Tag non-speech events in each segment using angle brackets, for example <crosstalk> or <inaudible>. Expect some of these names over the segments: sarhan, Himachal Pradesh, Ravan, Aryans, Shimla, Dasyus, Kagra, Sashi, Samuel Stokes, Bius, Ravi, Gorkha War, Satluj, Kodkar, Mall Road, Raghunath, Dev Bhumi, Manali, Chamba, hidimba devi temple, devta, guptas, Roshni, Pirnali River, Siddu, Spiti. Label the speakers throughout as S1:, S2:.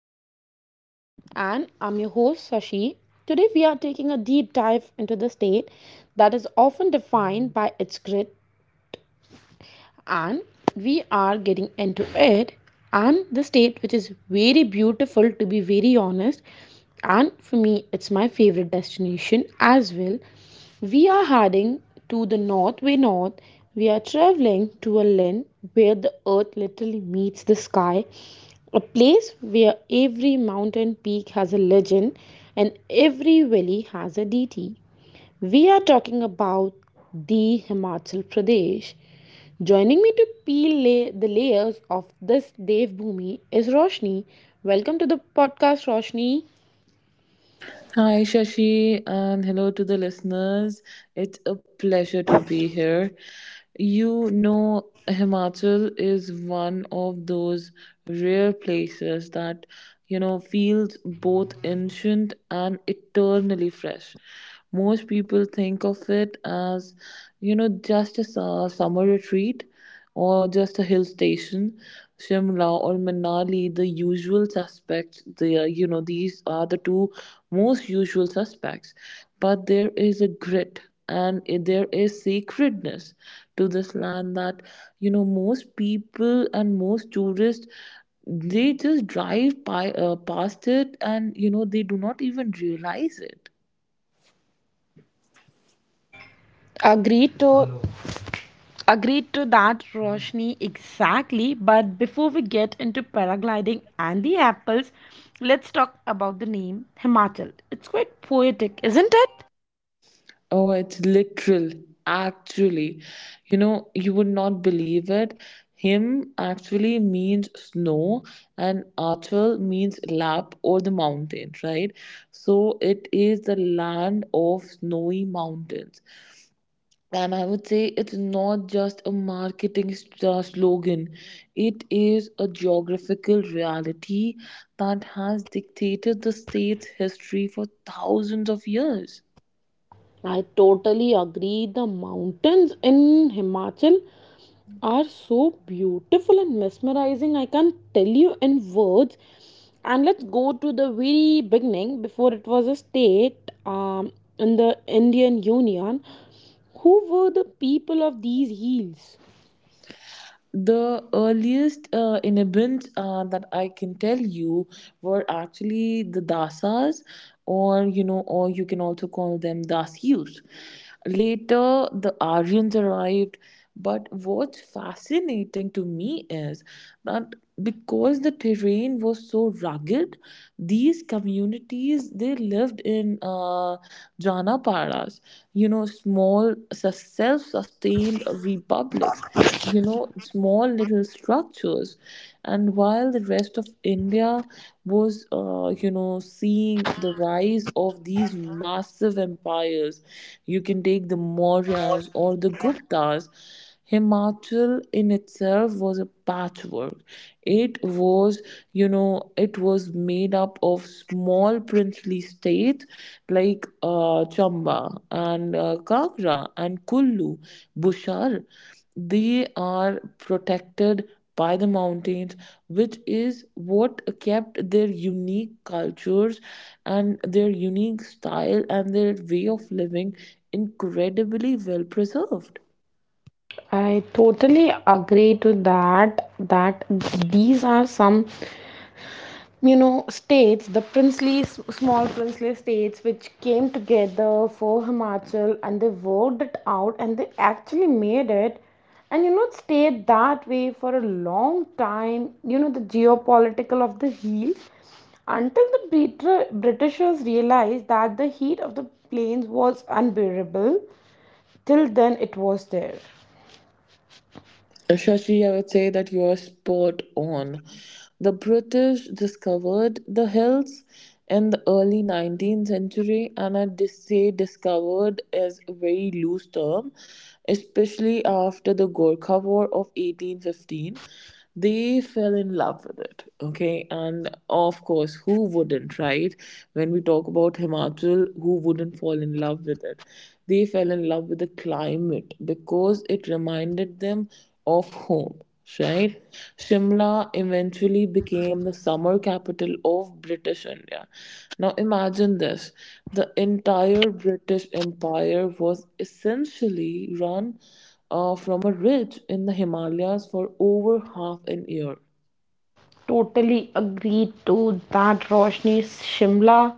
S1: of India, and I'm your host Sashi. Today we are taking a deep dive into the state that is often defined by its grit, and we are getting into it, and the state which is very beautiful, to be very honest, and for me it's my favorite destination as well. We are heading to the north, way north. We are traveling to a land where the earth literally meets the sky, a place where every mountain peak has a legend and every valley has a deity. We are talking about the Himachal Pradesh. Joining me to peel lay the layers of this Dev Bhumi is Roshni. Welcome to the podcast, Roshni.
S2: Hi, Shashi, and hello to the listeners. It's a pleasure to be here. Himachal is one of those rare places that feels both ancient and eternally fresh. Most people think of it as just a summer retreat, or just a hill station, Shimla or Manali, the usual suspects, they are, you know, these are the two most usual suspects. But there is a grit and there is sacredness to this land that most people and most tourists, they just drive by, past it, and they do not even realize it.
S1: Agreed to agreed to that, Roshni. Exactly. But before we get into paragliding and the apples, let's talk about the name Himachal. It's quite poetic, isn't it?
S2: Oh, it's literal. Actually you would not believe it. Him actually means snow, and Achal means lap or the mountain, right? So it is the land of snowy mountains. And I would say it's not just a marketing slogan, it is a geographical reality that has dictated the state's history for thousands of years.
S1: I totally agree. The mountains in Himachal are so beautiful and mesmerizing. I can't tell you in words. And let's go to the very beginning, before it was a state, in the Indian Union. Who were the people of these hills?
S2: The earliest inhabitants that I can tell you were actually the Dasas, or you can also call them Dasyus. Later, the Aryans arrived. But what's fascinating to me is that because the terrain was so rugged, these communities, they lived in janapadas, small self-sustained republics, small little structures. And while the rest of India was seeing the rise of these massive empires you can take the Mauryas or the guptas Himachal in itself was a patchwork. It was, it was made up of small princely states like Chamba and Kagra and Kullu, Bushar. They are protected by the mountains, which is what kept their unique cultures and their unique style and their way of living incredibly well preserved.
S1: I totally agree to that. These are some, you know, states, the princely, small princely states, which came together for Himachal, and they worked it out and they actually made it. And you know, it stayed that way for a long time, you know, the geopolitical of the hills, until the britishers realized that the heat of the plains was unbearable. Till then it was there.
S2: Shashi, I would say that you are spot on. The British discovered the hills in the early 19th century, and I say discovered is a very loose term, especially after the Gorkha War of 1815. They fell in love with it, okay? And of course, who wouldn't, right? When we talk about Himachal, who wouldn't fall in love with it? They fell in love with the climate because it reminded them of home, right? Shimla eventually became the summer capital of British India. Now imagine this: the entire British empire was essentially run from a ridge in the Himalayas for over half an year.
S1: Totally agreed to that, Roshni. Shimla,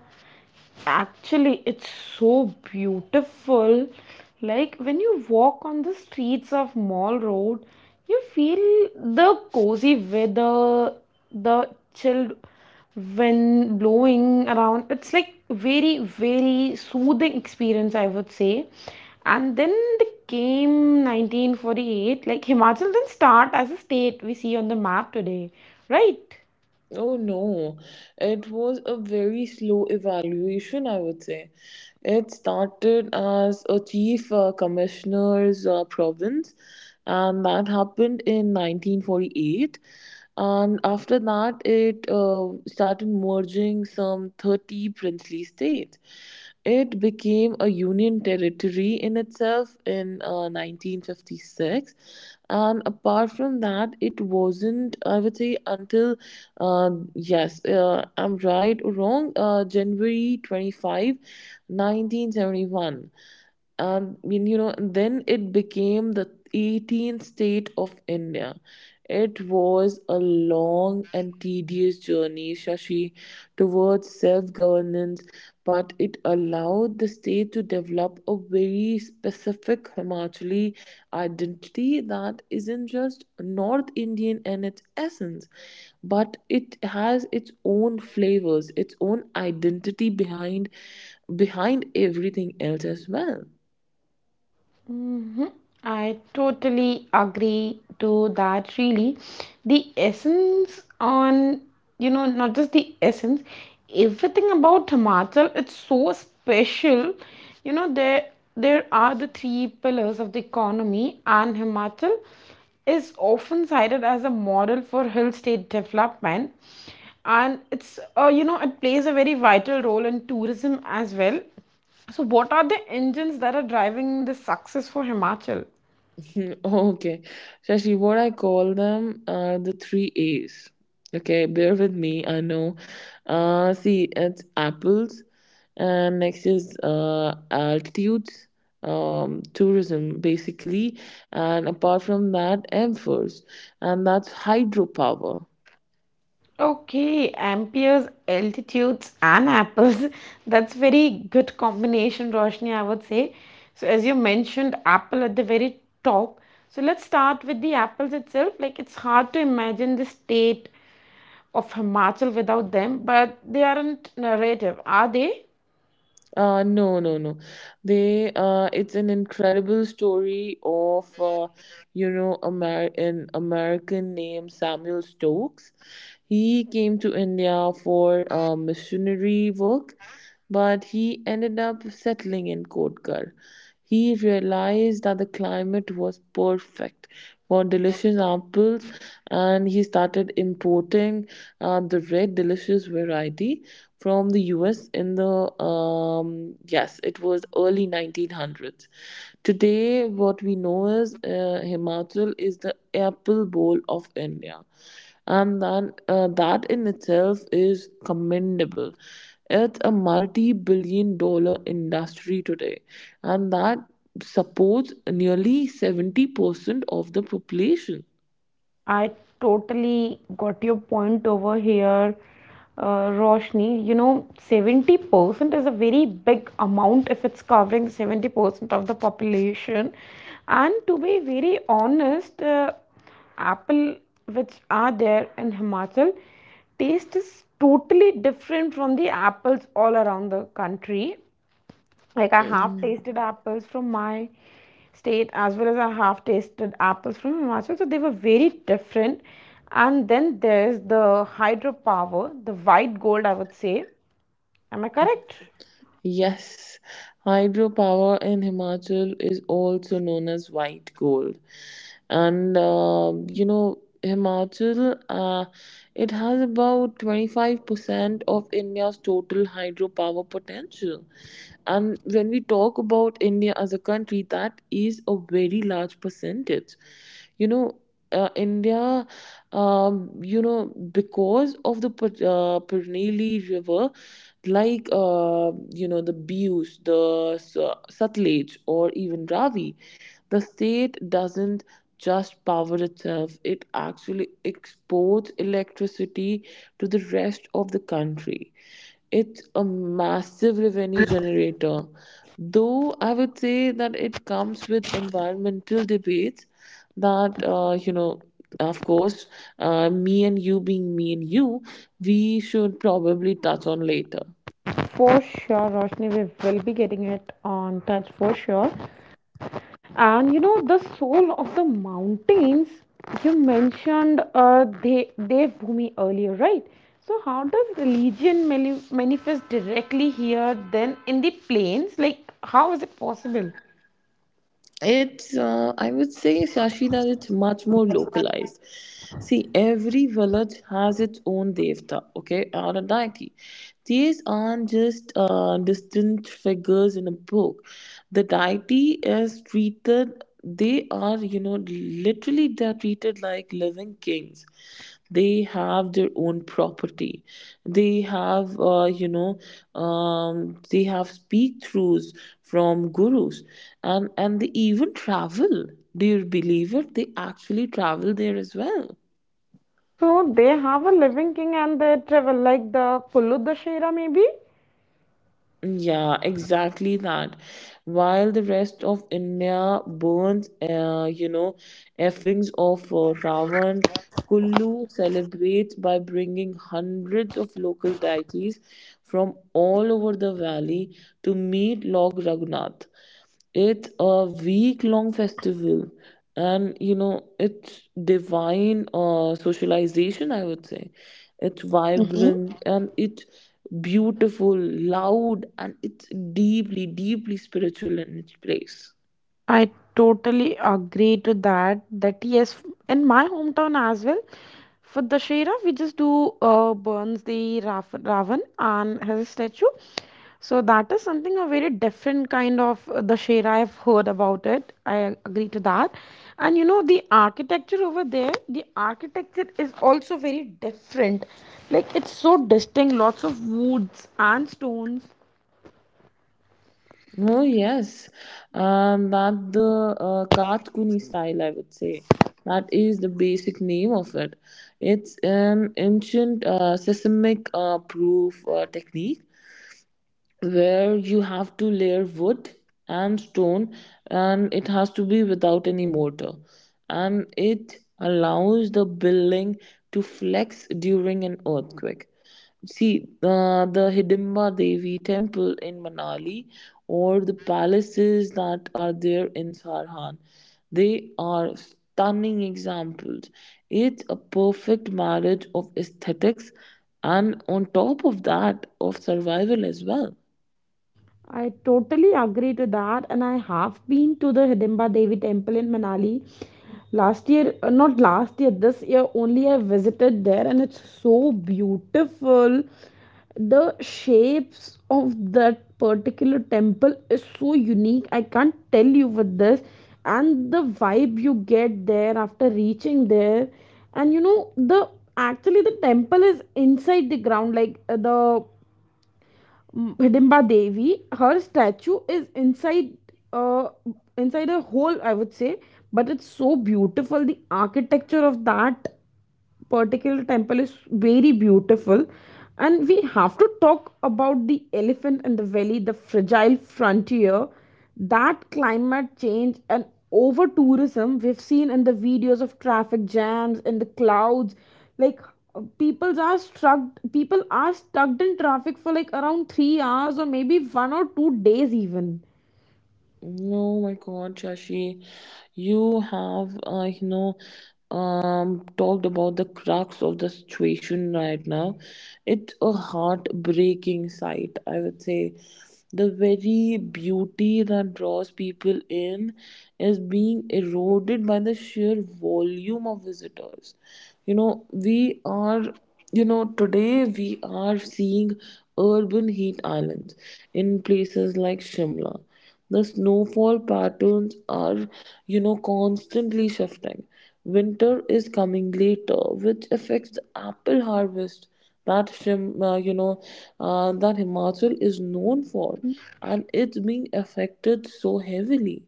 S1: actually, it's so beautiful. Like when you walk on the streets of Mall Road, you feel the cozy weather, the chilled wind blowing around. It's like very, very soothing experience, I would say. And then they came 1948, like Himachal didn't start as a state we see on the map today, right?
S2: Oh no, it was a very slow evaluation, I would say. It started as a chief commissioner's province, and that happened in 1948. And after that, it started merging some 30 princely states. It became a Union territory in itself in 1956. And apart from that, it wasn't, I would say, until, uh, yes, I'm right or wrong, January 25, 1971. And I mean, then it became the 18th state of India. It was a long and tedious journey, Shashi, towards self governance, but it allowed the state to develop a very specific Himachali identity that isn't just North Indian in its essence, but it has its own flavors, its own identity behind everything else as well.
S1: I totally agree to that, really. The essence on, you know, not just the essence, everything about Himachal, it's so special. You know, there are the three pillars of the economy, and Himachal is often cited as a model for hill state development, and it's you know, it plays a very vital role in tourism as well. So, what are the engines that are driving the success for Himachal?
S2: <laughs> Okay. Shashi, what I call them are the three A's. Okay, bear with me, I know. See, it's apples, and next is altitudes, tourism, basically. And apart from that, M first, and that's hydropower.
S1: Okay, amperes, altitudes, and apples. <laughs> That's very good combination, Roshni, I would say. So, as you mentioned, apple at the very top. So, let's start with the apples itself. Like, it's hard to imagine the state of Himachal without them, but they aren't narrative, are they?
S2: No, no, no. It's an incredible story of an American named Samuel Stokes. He came to India for missionary work, but he ended up settling in Kodkar. He realized that the climate was perfect for delicious apples, and he started importing the red delicious variety from the US in the yes, it was early 1900s. Today, what we know is, Himachal is the apple bowl of India, and then that in itself is commendable. It's a multi-billion dollar industry today, and that supports nearly 70% of the population.
S1: I totally got your point over here, Roshni. You know, 70% is a very big amount if it's covering 70% of the population. And to be very honest, apple which are there in Himachal, taste is totally different from the apples all around the country. Like I have tasted apples from my state, as well as I have tasted apples from Himachal, so they were very different. And then there's the hydropower, the white gold, I would say. Am I correct?
S2: Yes, hydropower in Himachal is also known as white gold. And Himachal, it has about 25% of India's total hydropower potential. And when we talk about India as a country, that is a very large percentage. You know, India, um, you know, because of the Pirnali River, like the Bius, the Satluj, or even Ravi, the state doesn't just power itself; it actually exports electricity to the rest of the country. It's a massive revenue generator, though I would say that it comes with environmental debates that you know. Of course, me and you being me and you, we should probably touch on later.
S1: For sure, Roshni, we will be getting it on touch for sure. And you know, the soul of the mountains, you mentioned devbhumi earlier, right? So how does religion manifest directly here then in the plains, like how is it possible?
S2: It's, I would say, Shashi, that it's much more localized. See, every village has its own devta, okay, or a deity. These aren't just distant figures in a book. The deity is treated, they are literally they're treated like living kings. They have their own property. They have uh, you know um, they have speak throughs from gurus, and they even travel. Dear believer, they actually travel there as well.
S1: So they have a living king and they travel, like the pulludashera maybe.
S2: Yeah, exactly that. While the rest of India burns effings of Ravan, Kullu celebrates by bringing hundreds of local deities from all over the valley to meet Lord Raghunath. It's a week long festival, and it's divine socialization, I would say. It's vibrant, and it's beautiful, loud, and it's deeply, deeply spiritual in its place.
S1: I totally agree to that. That yes, in my hometown as well, for the Shera, we just do burns the Ravan and his statue. So that is something a very different kind of the Shera. I've heard about it. I agree to that. And you know the architecture over there, the architecture is also very different. Like it's so distinct. Lots of woods and stones.
S2: Oh, yes, and that the Katkuni style, I would say. That is the basic name of it. It's an ancient seismic proof technique where you have to layer wood and stone, and it has to be without any mortar, and it allows the building to flex during an earthquake. See, the Hidimba Devi temple in Manali or the palaces that are there in Sarhan, they are stunning examples. It's a perfect marriage of aesthetics and, on top of that, of survival as well.
S1: I totally agree to that, and I have been to the Hidimba Devi temple in Manali last year, not last year, this year only. I visited there, and it's so beautiful. The shapes of that particular temple is so unique. I can't tell you with this, and the vibe you get there after reaching there, and you know the actually the temple is inside the ground, like the Hidimba Devi, her statue is inside uh, inside a hole, I would say, but it's so beautiful. The architecture of that particular temple is very beautiful. And we have to talk about the elephant in the valley, the fragile frontier, that climate change and over tourism. We've seen in the videos of traffic jams in the clouds, like are stuck people are stuck in traffic for like around 3 hours or maybe 1 or 2 days even.
S2: No, my God, Shashi, you have talked about the crux of the situation right now. It's a heartbreaking sight, I would say. The very beauty that draws people in is being eroded by the sheer volume of visitors. You know, we are you know Today we are seeing urban heat islands in places like Shimla. The snowfall patterns are constantly shifting. Winter is coming later, which affects the apple harvest that Shim, uh, you know, that Himachal is known for, and it's being affected so heavily.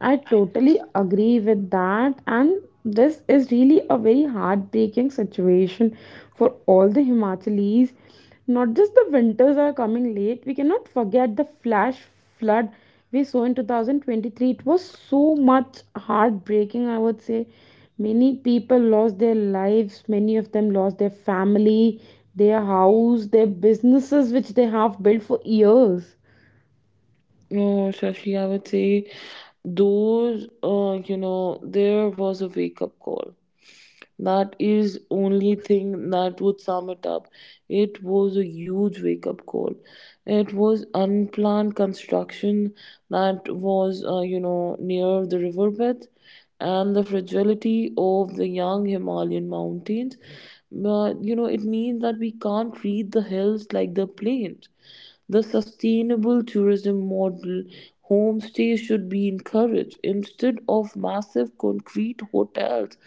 S1: I totally agree with that, and this is really a very heartbreaking situation for all the Himachalis. Not just the winters are coming late, we cannot forget the flash flood we saw in 2023. It was so much heartbreaking, I would say. Many people lost their lives, many of them lost their family, their house, their businesses, which they have built for years.
S2: No, Shashi, I would say there was a wake up call. That is only thing that would sum it up. It was a huge wake up call. It was unplanned construction that was near the riverbed and the fragility of the young Himalayan mountains. But it means that we can't treat the hills like the plains. The sustainable tourism model, homestay should be encouraged instead of massive concrete hotels,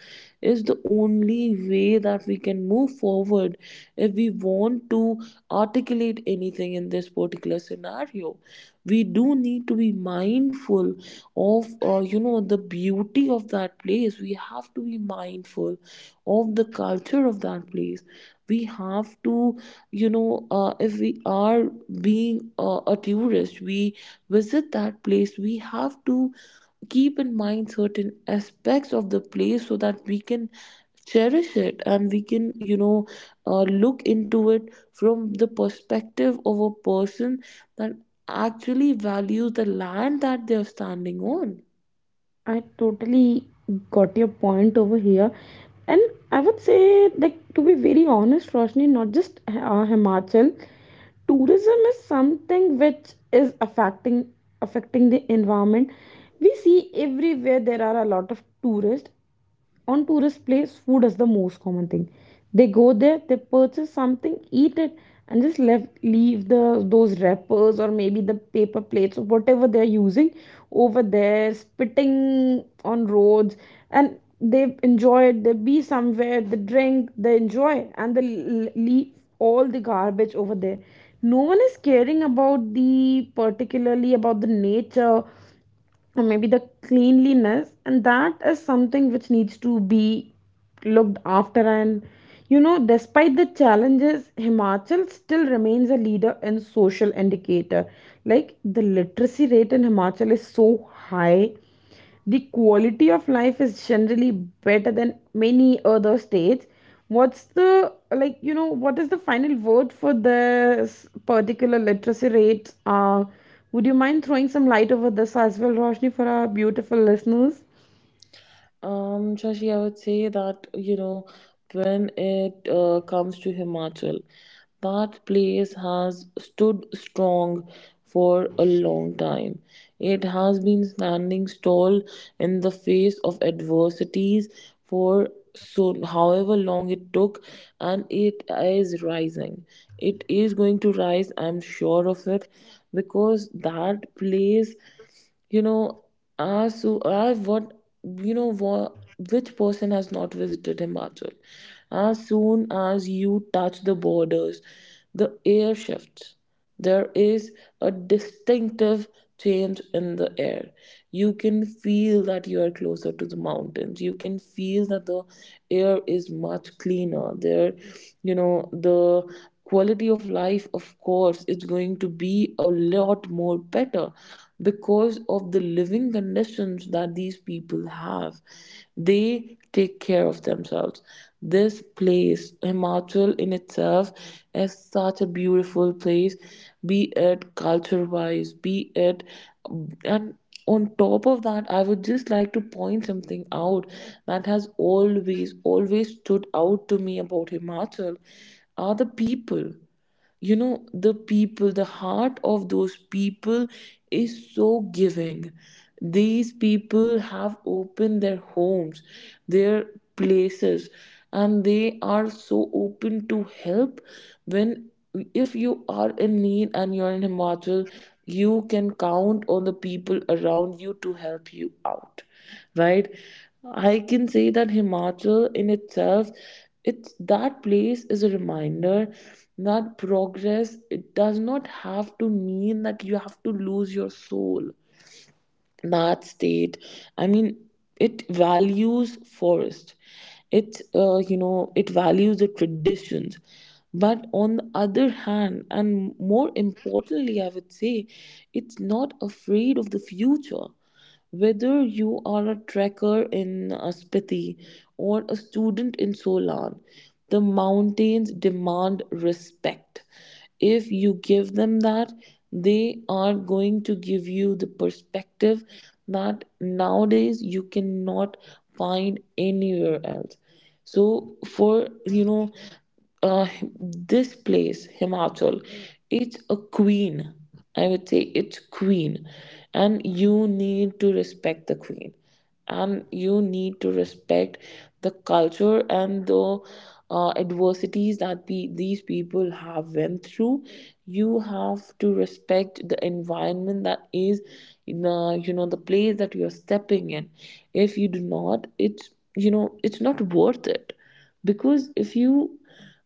S2: is the only way that we can move forward if we want to articulate anything in this particular scenario. We do need to be mindful of the beauty of that place. We have to be mindful of the culture of that place. We have to you know If we are being a tourist, we visit that place, we have to keep in mind certain aspects of the place so that we can cherish it, and we can look into it from the perspective of a person that actually values the land that they're standing on.
S1: I totally got your point over here. And I would say, like, to be very honest, Roshni, not just Himachal, tourism is something which is affecting the environment. We see everywhere there are a lot of tourists. On tourist place, food is the most common thing. They go there, they purchase something, eat it, and just leave leave the those wrappers or maybe the paper plates or whatever they're using over there, spitting on roads. And they enjoy it, they be somewhere, they drink, they enjoy, and they leave all the garbage over there. No one is caring about, the particularly about the nature or maybe the cleanliness, and that is something which needs to be looked after. And you know, despite the challenges, Himachal still remains a leader in social indicator. Like the literacy rate in Himachal is so high, the quality of life is generally better than many other states. What's the, like you know, what is the final word for this particular literacy rate? Would you mind throwing some light over this as well, Roshni, for our beautiful listeners?
S2: Shashi, I would say that when it comes to Himachal, that place has stood strong for a long time. It has been standing tall in the face of adversities for so however long it took, and it is rising. It is going to rise, I'm sure of it, because that place, you know ask who, ask what, you know what, which person has not visited Himachal? As soon as you touch the borders, the air shifts. There is a distinctive change in the air. You can feel that you are closer to the mountains. You can feel that the air is much cleaner there. The quality of life, of course, is going to be a lot more better because of the living conditions that these people have. They take care of themselves. This place, Himachal in itself, is such a beautiful place, be it culture wise, be it, and on top of that, I would just like to point something out that has always, always stood out to me about Himachal are the people. The people, the heart of those people, is so giving. These people have opened their homes, their places, and they are so open to help. When, if you are in need and you're in Himachal, you can count on the people around you to help you out, right? I can say that Himachal in itself, it's that place is a reminder that progress, it does not have to mean that you have to lose your soul. That state, I mean, it values forest. It uh, you know it values the traditions, but on the other hand, and more importantly, I would say, it's not afraid of the future. Whether you are a trekker in Spiti or a student in Solan, the mountains demand respect. If you give them that, they are going to give you the perspective that nowadays you cannot find anywhere else. So uh, this place Himachal, it's a queen. I would say it's queen, and you need to respect the queen, and you need to respect the culture and the adversities that these people have went through. You have to respect the environment that is in the the place that you're stepping in. If you do not, it's you know it's not worth it. Because if you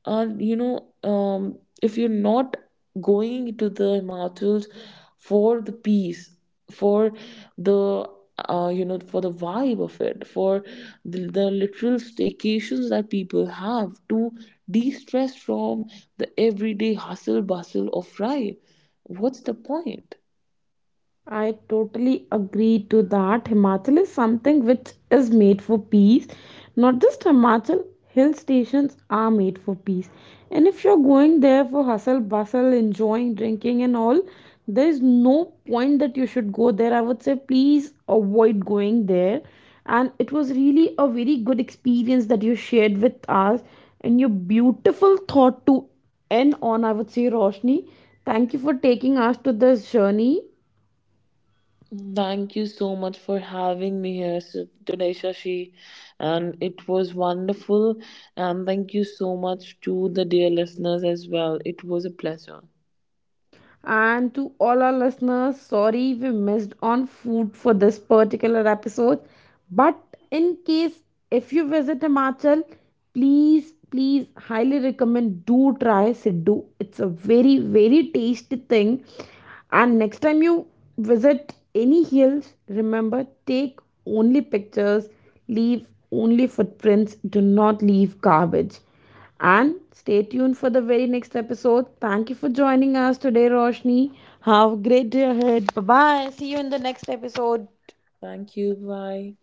S2: and you know if you're not going to the Himachals for the peace, for the for the vibe of it, for the literal staycations that people have to de-stress from the everyday hustle bustle of life, what's the point?
S1: I totally agree to that. Himachal is something which is made for peace. Not just Himachal, hill stations are made for peace. And if you're going there for hustle, bustle, enjoying, drinking, and all, there's no point that you should go there. I would say please avoid going there. And it was really a very good experience that you shared with us and your beautiful thought to end on, I would say, Roshni. Thank you for taking us to this journey.
S2: Thank you so much for having me here today, Shashi. And it was wonderful. And thank you so much to the dear listeners as well. It was a pleasure.
S1: And to all our listeners, sorry we missed on food for this particular episode. But in case if you visit Himachal, please, please highly recommend, do try Siddu. It's a very, very tasty thing. And next time you visit any hills, remember, take only pictures, leave only footprints, do not leave garbage. And stay tuned for the very next episode. Thank you for joining us today, Roshni. Have a great day ahead. Bye bye. See you in the next episode.
S2: Thank you. Bye.